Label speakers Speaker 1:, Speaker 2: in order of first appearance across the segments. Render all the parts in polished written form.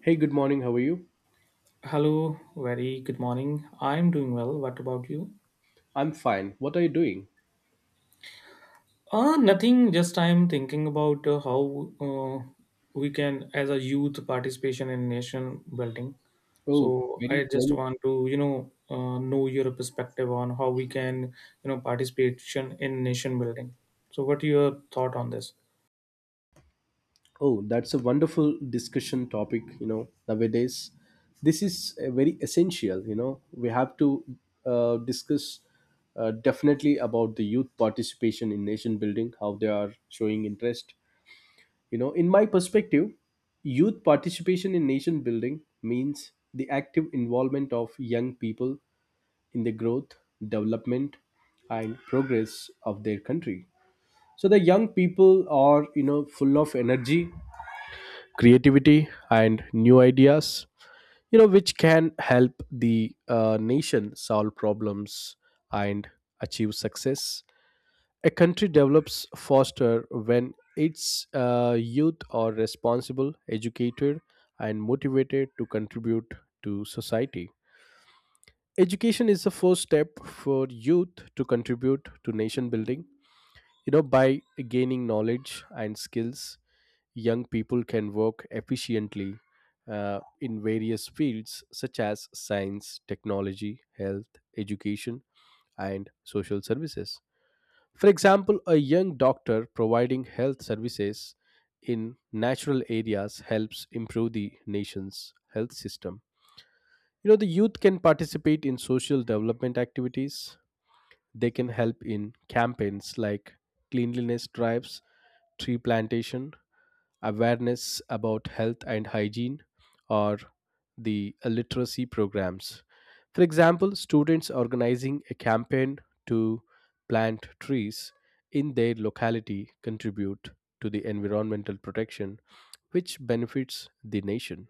Speaker 1: Hey, good morning. How are you?
Speaker 2: Hello, very good morning. I'm doing well. What about you?
Speaker 1: I'm fine. What are you doing?
Speaker 2: Nothing, just I'm thinking about how we can, as a youth, participation in nation building.
Speaker 1: Oh,
Speaker 2: So I
Speaker 1: very
Speaker 2: just
Speaker 1: well.
Speaker 2: want to, you know your perspective on how we can, you know, participation in nation building. So what your thought on this?
Speaker 1: Oh, that's a wonderful discussion topic, you know, nowadays. This is very essential, you know. We have to discuss definitely about the youth participation in nation building, how they are showing interest. You know, in my perspective, youth participation in nation building means the active involvement of young people in the growth, development, and progress of their country. So the young people are, you know, full of energy, creativity, and new ideas, you know, which can help the nation solve problems and achieve success. A country develops faster when its youth are responsible, educated, and motivated to contribute to society. Education is the first step for youth to contribute to nation building. You know, by gaining knowledge and skills, young people can work efficiently in various fields such as science, technology, health, education, and social services. For example, a young doctor providing health services in natural areas helps improve the nation's health system. You know, the youth can participate in social development activities. They can help in campaigns like cleanliness drives, tree plantation, awareness about health and hygiene, or the literacy programs. For example, students organizing a campaign to plant trees in their locality contribute to the environmental protection, which benefits the nation.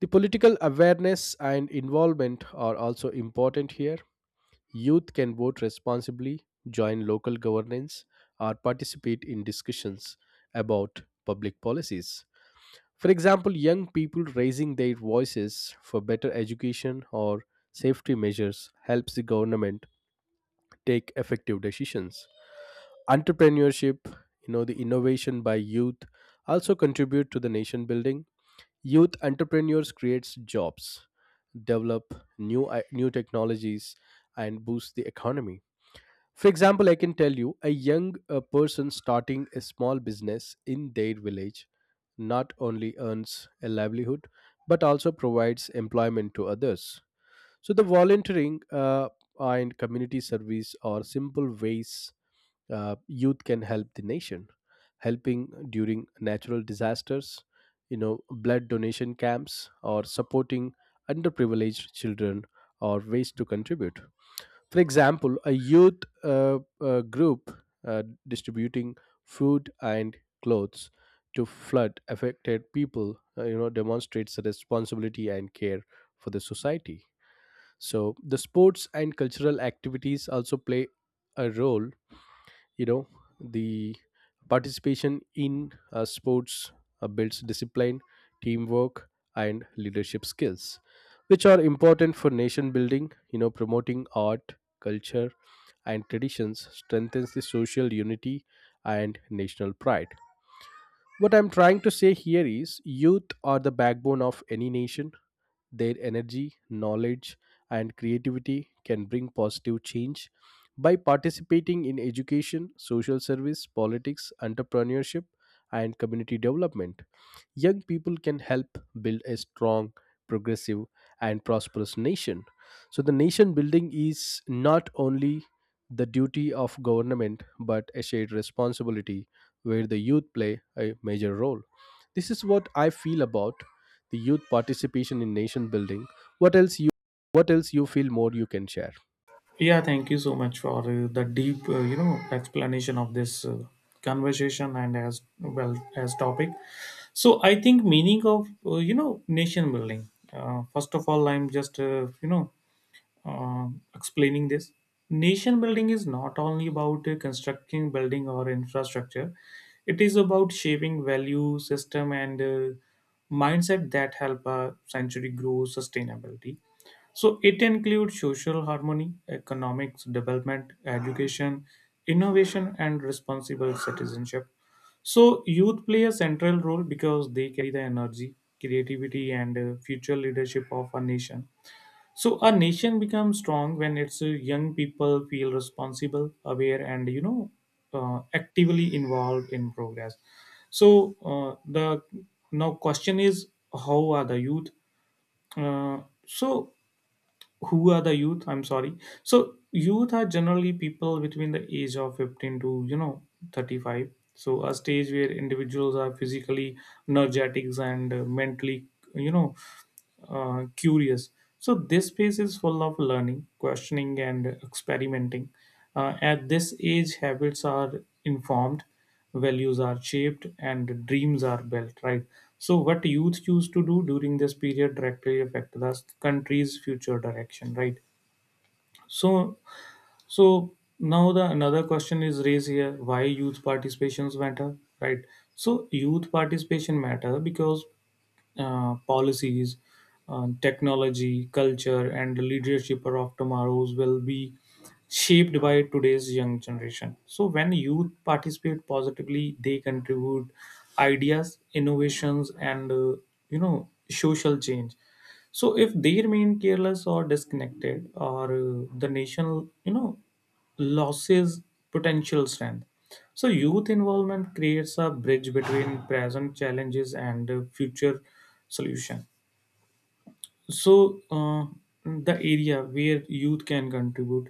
Speaker 1: The political awareness and involvement are also important here. Youth can vote responsibly, join local governance, or participate in discussions about public policies. For example, young people raising their voices for better education or safety measures helps the government take effective decisions. Entrepreneurship, you know, the innovation by youth also contribute to the nation building. Youth entrepreneurs creates jobs, develop new technologies, and boost the economy. For example, I can tell you a young person starting a small business in their village not only earns a livelihood but also provides employment to others. So, the volunteering and community service are simple ways youth can help the nation, helping during natural disasters, you know, blood donation camps, or supporting underprivileged children are ways to contribute. For example, a youth group distributing food and clothes to flood affected people, you know, demonstrates the responsibility and care for the society. So the sports and cultural activities also play a role. You know, the participation in sports builds discipline, teamwork, and leadership skills, which are important for nation building. You know, promoting art, culture, and traditions strengthens the social unity and national pride. What I'm trying to say here is youth are the backbone of any nation. Their energy, knowledge, and creativity can bring positive change. By participating in education, social service, politics, entrepreneurship, and community development, young people can help build a strong, progressive, and prosperous nation. So, the nation building is not only the duty of government but a shared responsibility where the youth play a major role. This is what I feel about the youth participation in nation building. What else you what else you feel more you can share?
Speaker 2: Yeah, thank you so much for the deep, you know, explanation of this conversation and as well as topic. So I think meaning of you know nation building. First of all, I'm just you know explaining this. Nation building is not only about constructing building or infrastructure, it is about shaping value, system, and mindset that help a century grow sustainability. So it includes social harmony, economics development, education, innovation, and responsible citizenship. So youth play a central role because they carry the energy, creativity, and future leadership of a nation. So a nation becomes strong when its young people feel responsible, aware, and you know, actively involved in progress. So the now question is, how are the youth? Uh, so who are the youth? I'm sorry. So youth are generally people between the age of 15 to you know 35. So a stage where individuals are physically energetic and mentally, you know curious. So this space is full of learning, questioning, and experimenting. At this age, habits are informed, values are shaped, and dreams are built. Right. So what youth choose to do during this period directly affect the country's future direction. Right. So so now the another question is raised here: why youth participations matter, right? So youth participation matter because policies, technology, culture, and the leadership of tomorrow's will be shaped by today's young generation. So when youth participate positively, they contribute ideas, innovations, and you know social change. So if they remain careless or disconnected, or the nation, you know, loses potential strength. So youth involvement creates a bridge between present challenges and future solution. So uh, the area where youth can contribute,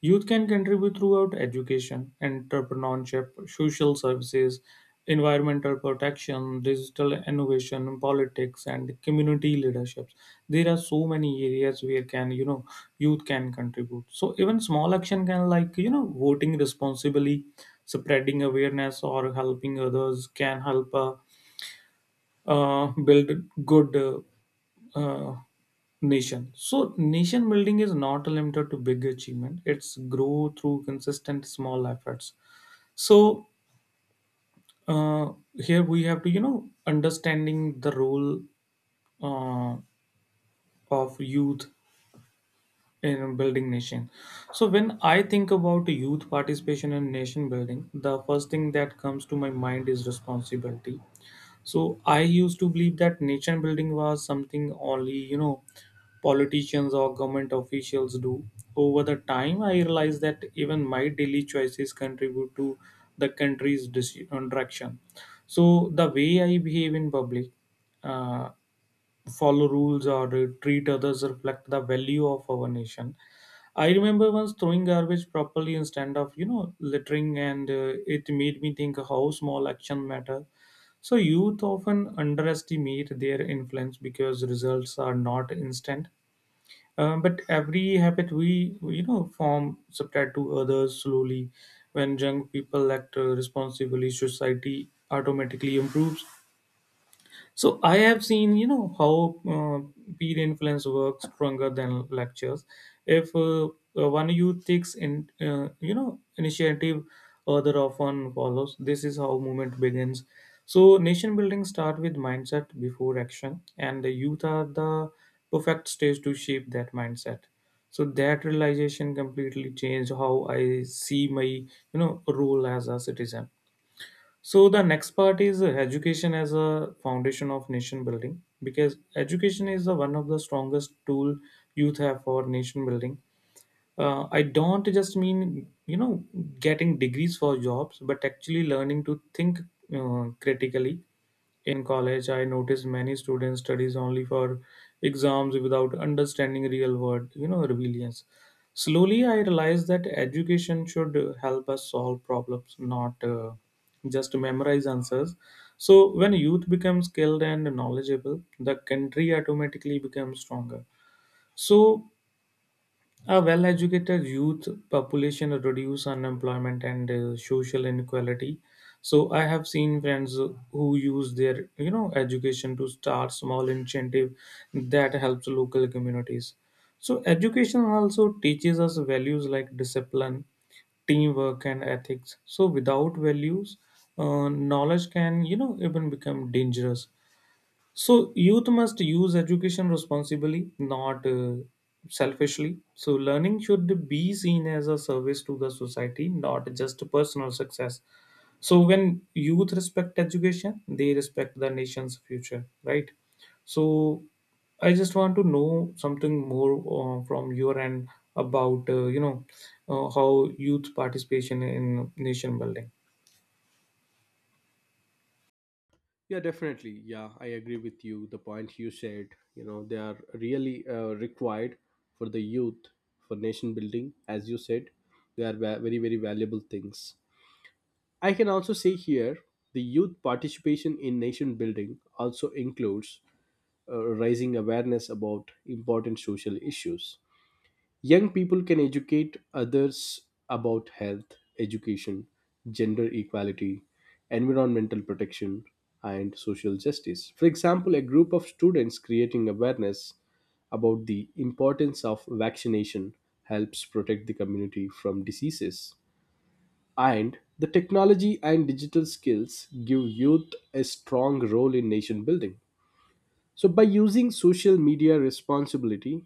Speaker 2: youth can contribute throughout education, entrepreneurship, social services, environmental protection, digital innovation, politics, and community leaderships. There are so many areas where can you know youth can contribute. So even small action can, like you know, voting responsibly, spreading awareness, or helping others can help build good uh, nation. So nation building is not limited to big achievement. It's grow through consistent small efforts. So here we have to you know understanding the role uh, of youth in building nation. So when I think about youth participation in nation building, the first thing that comes to my mind is responsibility. So I used to believe that nation building was something only, you know, politicians or government officials do. Over the time, I realized that even my daily choices contribute to the country's direction. So the way I behave in public, uh, follow rules or treat others reflect the value of our nation. I remember once throwing garbage properly instead of, you know, littering and it made me think how small action matter. So youth often underestimate their influence because results are not instant. But every habit we, you know, form spread to others slowly. When young people act responsibly, society automatically improves. So I have seen, you know, how peer influence works stronger than lectures. If one youth takes in, you know, initiative, other often follows. This is how movement begins. So nation building start with mindset before action, and the youth are the perfect stage to shape that mindset. So that realization completely changed how I see my, you know, role as a citizen. So the next part is education as a foundation of nation building, because education is the one of the strongest tool youth have for nation building. I don't just mean you know getting degrees for jobs, but actually learning to think critically. In college I noticed many students studies only for exams without understanding real world you know resilience. Slowly I realized that education should help us solve problems, not just memorize answers. So when youth becomes skilled and knowledgeable, the country automatically becomes stronger. So a well educated youth population reduce unemployment and social inequality. So I have seen friends who use their you know education to start small initiative that helps local communities. So education also teaches us values like discipline, teamwork and ethics. So without values, knowledge can you know even become dangerous. So youth must use education responsibly, not selfishly. So learning should be seen as a service to the society, not just a personal success. So when youth respect education, they respect the nation's future, right? So I just want to know something more from your end about you know how youth participation in nation building.
Speaker 1: Yeah, definitely. Yeah, I agree with you. The points you said, you know, they are really required for the youth for nation building. As you said, they are very, very valuable things. I can also say here the youth participation in nation building also includes raising awareness about important social issues. Young people can educate others about health, education, gender equality, environmental protection, and social justice. For example, a group of students creating awareness about the importance of vaccination helps protect the community from diseases. And the technology and digital skills give youth a strong role in nation building. So by using social media responsibility,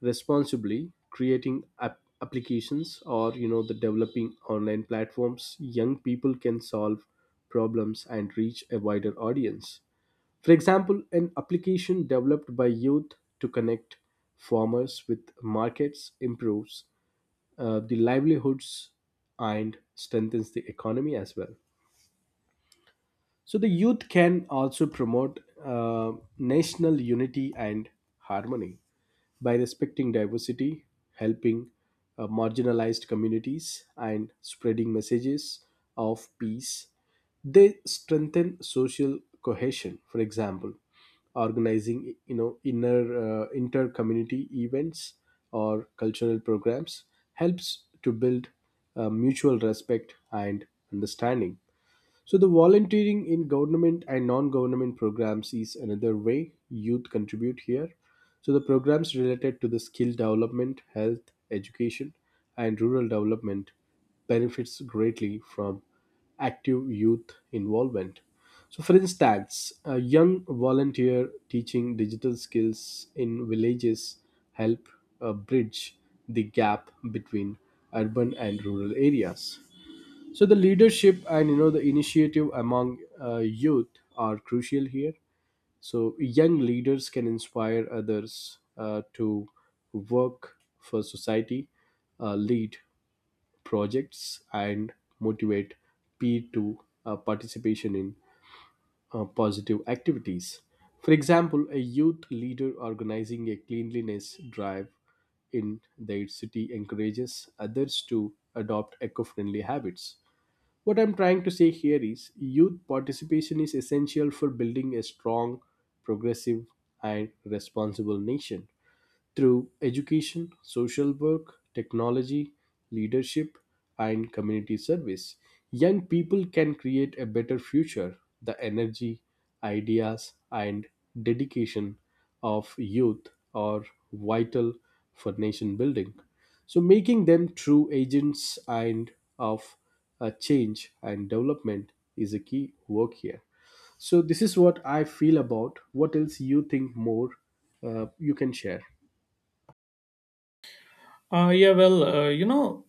Speaker 1: responsibly, creating applications or, you know, the developing online platforms, young people can solve problems and reach a wider audience. For example, an application developed by youth to connect farmers with markets improves the livelihoods and strengthens the economy as well. So the youth can also promote national unity and harmony by respecting diversity, helping marginalized communities, and spreading messages of peace. They strengthen social cohesion. For example, organizing, you know, inner inter community events or cultural programs helps to build mutual respect and understanding. So, the volunteering in government and non government programs is another way youth contribute here. So, the programs related to the skill development, health, education, and rural development benefits greatly from active youth involvement. So, for instance, a young volunteer teaching digital skills in villages help bridge the gap between urban and rural areas. So the leadership and, you know, the initiative among youth are crucial here. So young leaders can inspire others to work for society, lead projects, and motivate peer to participation in positive activities. For example, a youth leader organizing a cleanliness drive in their city encourages others to adopt eco-friendly habits. What I'm trying to say here is youth participation is essential for building a strong, progressive, and responsible nation through education, social work, technology, leadership, and community service. Young people can create a better future. The energy, ideas, and dedication of youth are vital for nation building. So, making them true agents and of change and development is a key work here. So, this is what I feel about. What else you think more you can share?
Speaker 2: Yeah, well, you know,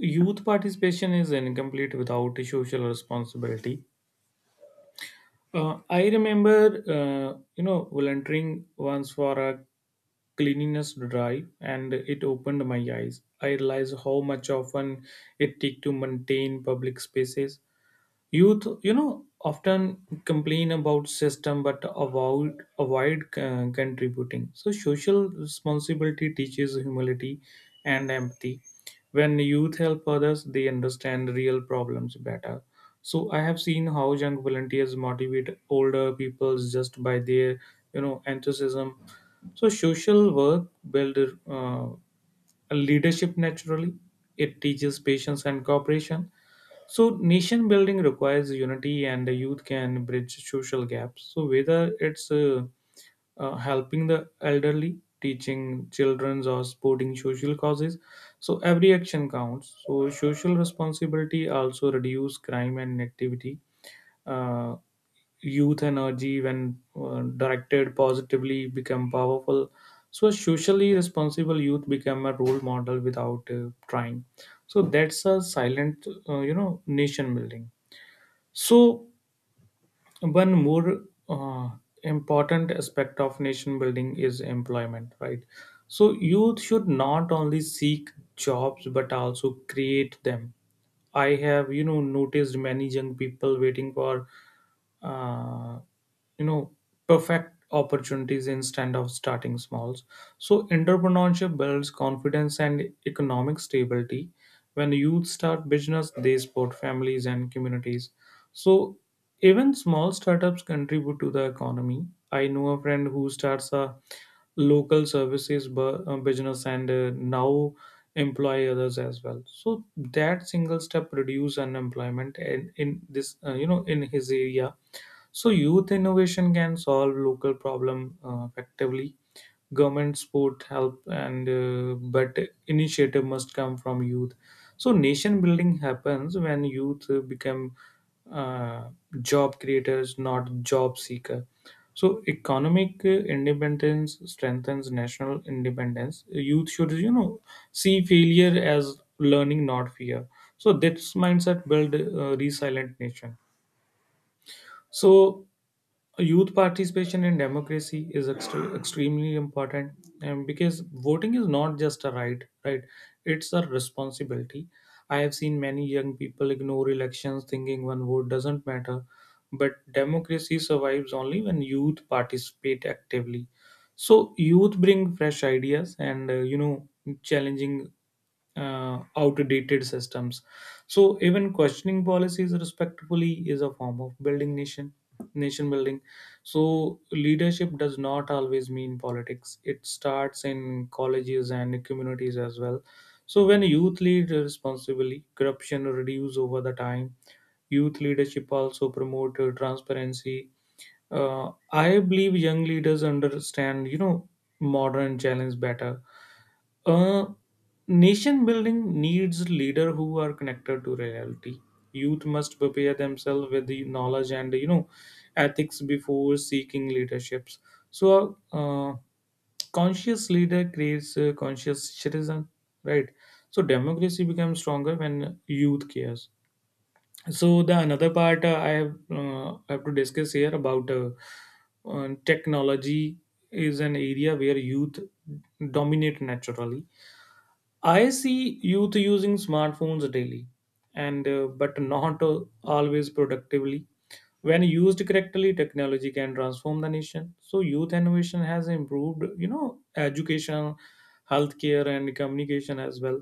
Speaker 2: youth participation is incomplete without social responsibility. I remember, you know, volunteering once for a cleanliness drive, and it opened my eyes. I realized how much often it takes to maintain public spaces. Youth, you know, often complain about system but avoid contributing. So social responsibility teaches humility and empathy. When youth help others, they understand real problems better. So I have seen how young volunteers motivate older people just by their, you know, enthusiasm. So social work builds a leadership naturally. It teaches patience and cooperation. So nation building requires unity, and the youth can bridge social gaps. So whether it's helping the elderly, teaching children, or supporting social causes, so every action counts. So social responsibility also reduce crime and activity. Uh, Youth energy, when directed positively, become powerful. So a socially responsible youth become a role model without trying. So that's a silent, you know, nation building. So one more uh, important aspect of nation building is employment, right? So youth should not only seek jobs but also create them. I have, you know, noticed many young people waiting for uh, you know perfect opportunities instead of starting smalls. So entrepreneurship builds confidence and economic stability. When youth start business, they support families and communities. So even small startups contribute to the economy. I know a friend who starts a local services business and now employ others as well. So that single step reduce unemployment and in this you know in his area. So youth innovation can solve local problem effectively. Government support help, and but initiative must come from youth. So nation building happens when youth become uh, job creators, not job seeker. So economic independence strengthens national independence. Youth should you know see failure as learning, not fear. So this mindset build a resilient nation. So youth participation in democracy is extremely important, and because voting is not just a right, right, it's a responsibility. I have seen many young people ignore elections thinking one vote doesn't matter, but democracy survives only when youth participate actively. So youth bring fresh ideas and you know challenging outdated systems. So even questioning policies respectfully is a form of building nation nation building So leadership does not always mean politics. It starts in colleges and communities as well. So when youth lead responsibly, corruption reduces over the time. Youth leadership also promote transparency. I believe young leaders understand, you know, modern challenge better. uh, Nation building needs leaders who are connected to reality. Youth must prepare themselves with the knowledge and you know ethics before seeking leaderships. So conscious leader creates a conscious citizen, right? So democracy becomes stronger when youth cares. So the another part I have to discuss here about technology is an area where youth dominate naturally. I see youth using smartphones daily, and but not always productively. When used correctly, technology can transform the nation. So youth innovation has improved you know education, healthcare and communication as well.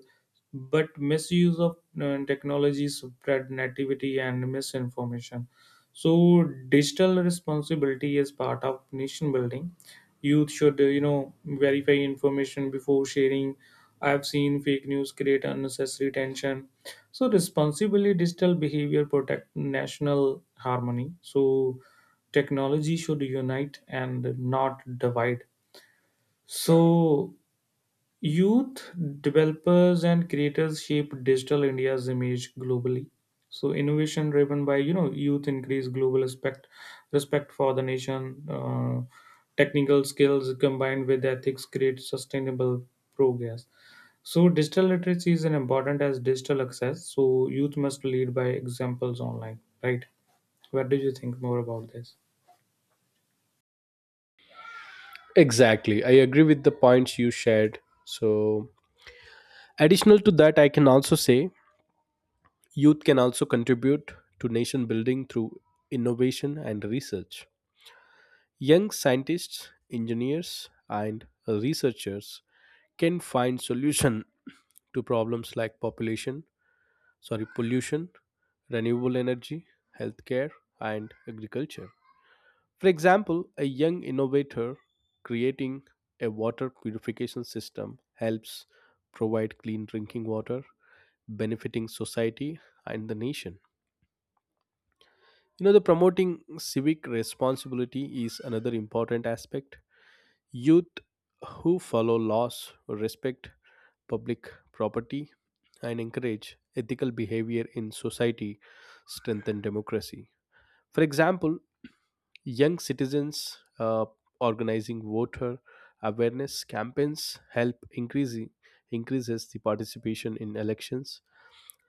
Speaker 2: But misuse of technology spread negativity and misinformation. So digital responsibility is part of nation building. Youth should you know verify information before sharing. I've seen fake news create unnecessary tension. So responsibly digital behavior protect national harmony. So technology should unite and not divide. So youth developers and creators shape digital India's image globally. So innovation driven by you know youth increase global respect, respect for the nation. Technical skills combined with ethics create sustainable progress. So digital literacy is an important as digital access. So youth must lead by examples online, right? What do you think more about this?
Speaker 1: Exactly. I agree with the points you shared. So, additional to that, I can also say youth can also contribute to nation building through innovation and research. Young scientists, engineers, and researchers can find solution to problems like population, sorry, pollution, renewable energy, healthcare, and agriculture. For example, a young innovator creating a water purification system helps provide clean drinking water, benefiting society and the nation. You know, the promoting civic responsibility is another important aspect. Youth who follow laws, respect public property, and encourage ethical behavior in society strengthen democracy. For example, young citizens organizing voter awareness campaigns help increasing increases the participation in elections,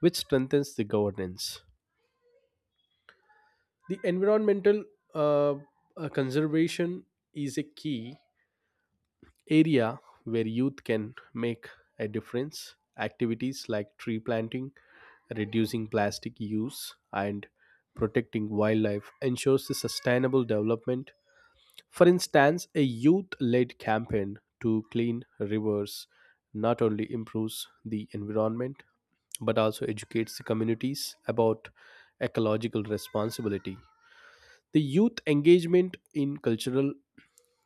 Speaker 1: which strengthens the governance. The environmental uh, conservation is a key area where youth can make a difference. Activities like tree planting, reducing plastic use, and protecting wildlife ensures the sustainable development. For instance, a youth led campaign to clean rivers not only improves the environment but also educates the communities about ecological responsibility. The youth engagement in cultural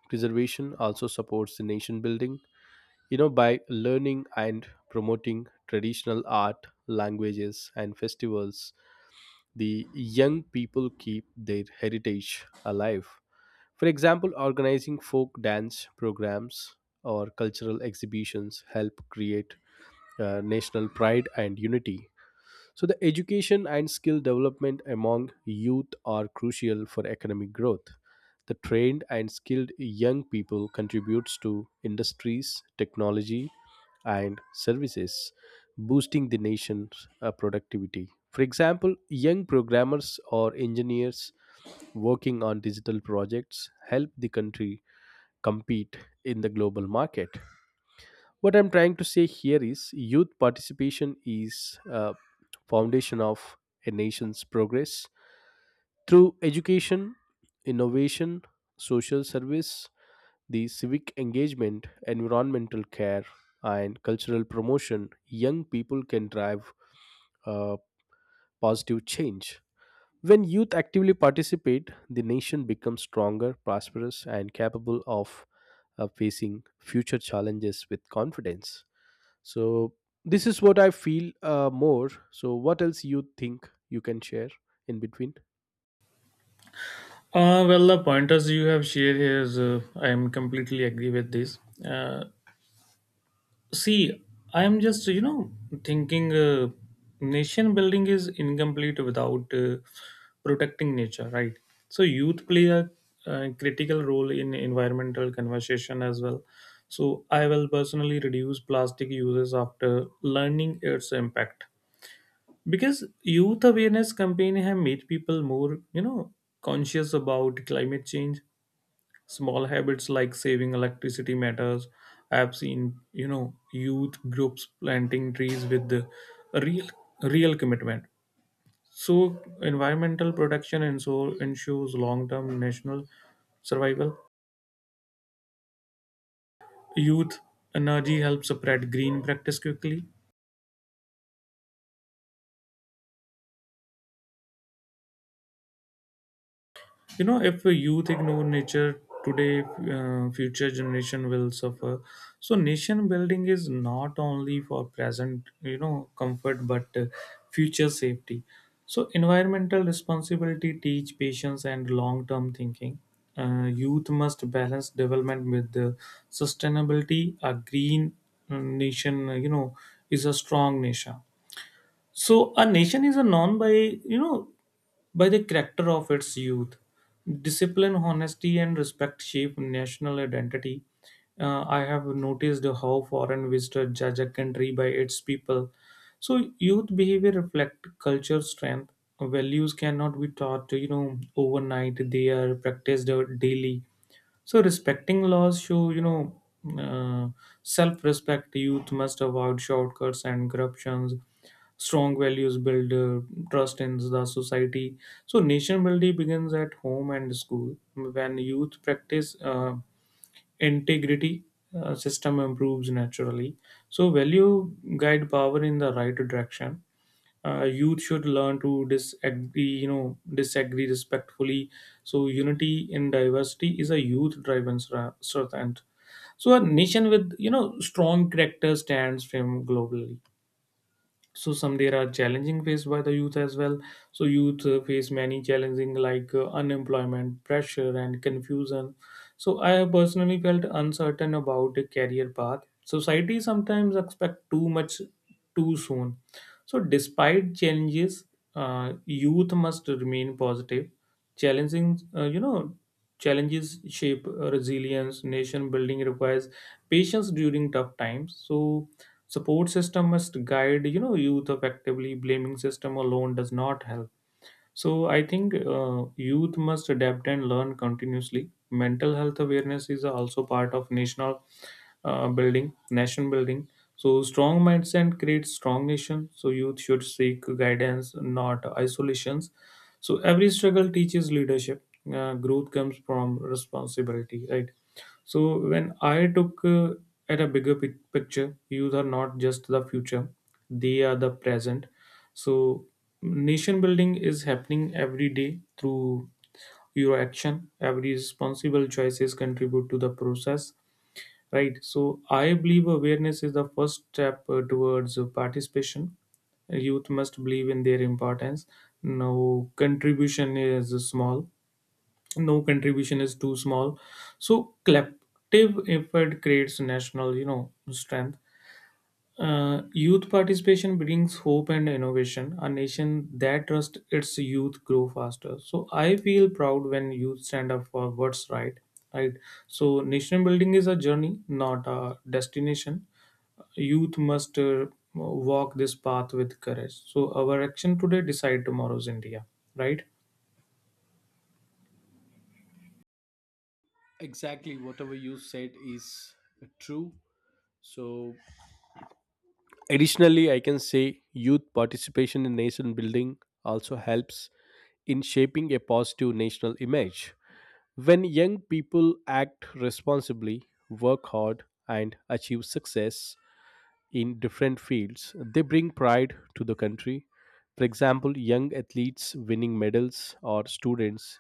Speaker 1: preservation also supports the nation building, you know, by learning and promoting traditional art, languages, and festivals, the young people keep their heritage alive. For example, organizing folk dance programs or cultural exhibitions help create national pride and unity. So, the education and skill development among youth are crucial for economic growth. The trained and skilled young people contributes to industries, technology, and services, boosting the nation's productivity. For example, young programmers or engineers working on digital projects help the country compete in the global market. What I'm trying to say here is youth participation is a foundation of a nation's progress. Through education, innovation, social service, the civic engagement, environmental care, and cultural promotion, young people can drive uh, positive change. When youth actively participate, the nation becomes stronger, prosperous, and capable of facing future challenges with confidence. So, this is what I feel more. So, what else you think you can share in between?
Speaker 2: Well, the pointers you have shared here is I am completely agree with this. Uh, See, I am just, thinking nation building is incomplete without protecting nature, right? So, youth play a critical role in environmental conversation as well. So, I will personally reduce plastic uses after learning its impact because youth awareness campaign have made people more, conscious about climate change. Small habits like saving electricity matters. I've seen, youth groups planting trees with the real real commitment. So environmental protection and so ensures long-term national survival. Youth energy helps spread green practice quickly. If youth ignore nature today, future generation will suffer. So nation building is not only for present comfort, but future safety. So environmental responsibility teach patience and long term thinking. Youth must balance development with the sustainability. A green nation, is a strong nation. So a nation is a known by by the character of its youth. Discipline, honesty, and respect shape national identity. I have noticed how foreign visitors judge a country by its people. So youth behavior reflect culture strength. Values cannot be taught, overnight. They are practiced daily. So respecting laws show, uh, self-respect. Youth must avoid shortcuts and corruptions. Strong values build trust in the society. So nation building begins at home and school. When youth practice integrity, system improves naturally. So value guide power in the right direction. Youth should learn to disagree you know disagree respectfully. So unity in diversity is a youth driven strength. So a nation with strong character stands firm globally. So some, there are challenging faced by the youth as well. So youth face many challenging like unemployment, pressure, and confusion. So I have personally felt uncertain about a career path. Society sometimes expect too much too soon. So, despite challenges, youth must remain positive. Challenging, uh, you know, challenges shape resilience. Nation building requires patience during tough times. So, support system must guide, youth effectively. Blaming system alone does not help. So I think youth must adapt and learn continuously. Mental health awareness is also part of nation building. So strong mindset creates strong nation. So youth should seek guidance, not isolations. So every struggle teaches leadership. Growth comes from responsibility, right? So when I took at a bigger picture, youth are not just the future; they are the present. So nation building is happening every day through your action. Every responsible choices contribute to the process, right? So I believe awareness is the first step towards participation. Youth must believe in their importance. No contribution is small no contribution is too small. So collective effort creates national, strength. Youth participation brings hope and innovation. A nation that trusts its youth grow faster. So I feel proud when youth stand up for what's right, right? So nation building is a journey, not a destination. Youth must walk this path with courage. So our action today decide tomorrow's India, right?
Speaker 1: Exactly, whatever you said is true. So, additionally, I can say youth participation in nation building also helps in shaping a positive national image. When young people act responsibly, work hard, and achieve success in different fields, they bring pride to the country. For example, young athletes winning medals or students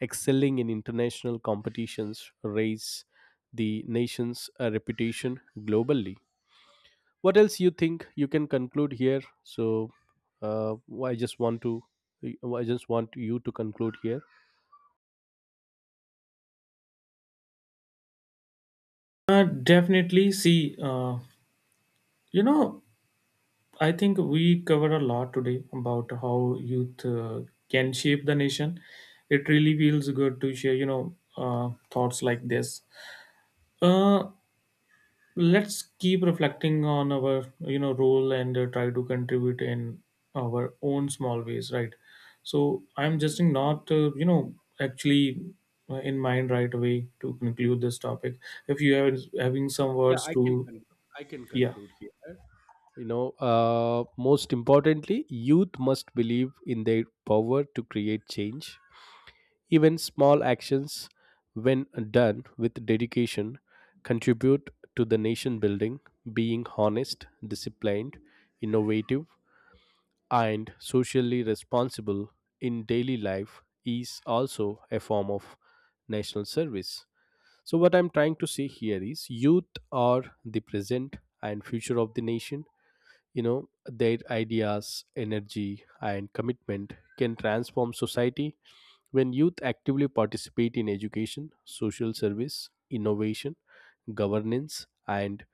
Speaker 1: excelling in international competitions raise the nation's reputation globally. What else you think you can conclude here? So uh, i just want to I just want you to conclude here.
Speaker 2: Definitely see, you know I think we cover a lot today about how youth can shape the nation. It really feels good to share, thoughts like this. Uh, let's keep reflecting on our, role and try to contribute in our own small ways, right? So I'm just not, actually in mind right away to conclude this topic. If you have having some
Speaker 1: Yeah,
Speaker 2: words to,
Speaker 1: I can
Speaker 2: yeah.
Speaker 1: conclude here. You know, uh, most importantly, youth must believe in their power to create change. Even small actions, when done with dedication, contribute to the nation building. Being honest, disciplined, innovative, and socially responsible in daily life is also a form of national service. So, what I'm trying to say here is youth are the present and future of the nation. You know, their ideas, energy, and commitment can transform society. When youth actively participate in education, social service, innovation, governance, and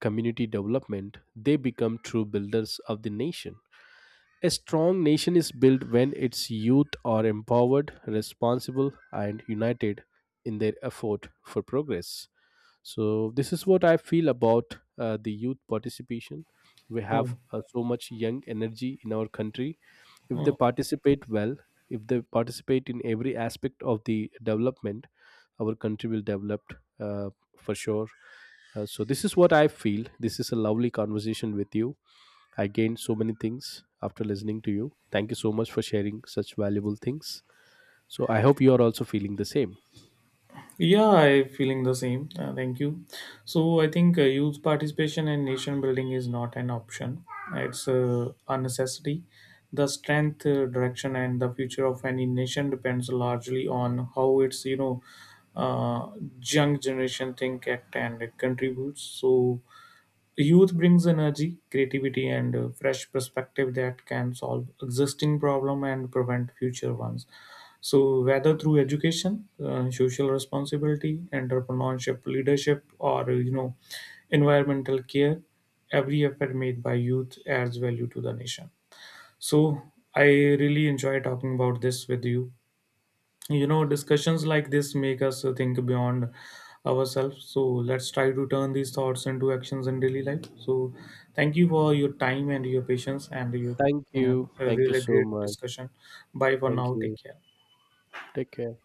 Speaker 1: community development, they become true builders of the nation. A strong nation is built when its youth are empowered, responsible, and united in their effort for progress. So, this is what I feel about the youth participation. We have
Speaker 2: Oh,
Speaker 1: so much young energy in our country. If they
Speaker 2: oh.
Speaker 1: participate well, if they participate in every aspect of the development, our country will develop uh, for sure. So, this is what I feel. This is a lovely conversation with you. I gained so many things after listening to you. Thank you so much for sharing such valuable things. So I hope you are also feeling the same.
Speaker 2: Yeah, I'm feeling the same. Thank you. So I think youth participation and nation building is not an option. It's a necessity. The strength, direction, and the future of any nation depends largely on how its uh, young generation think, act, and contributes. So youth brings energy, creativity, and a fresh perspective that can solve existing problem and prevent future ones. So, whether through education, social responsibility, entrepreneurship, leadership, or environmental care, every effort made by youth adds value to the nation. So, I really enjoy talking about this with you. You know Discussions like this make us think beyond ourselves. So let's try to turn these thoughts into actions in daily life. So thank you for your time and your patience and your
Speaker 1: Thank you.
Speaker 2: a
Speaker 1: Thank you
Speaker 2: really
Speaker 1: so
Speaker 2: great
Speaker 1: much.
Speaker 2: discussion. Bye for
Speaker 1: Thank
Speaker 2: now, take
Speaker 1: you.
Speaker 2: care.
Speaker 1: Take care.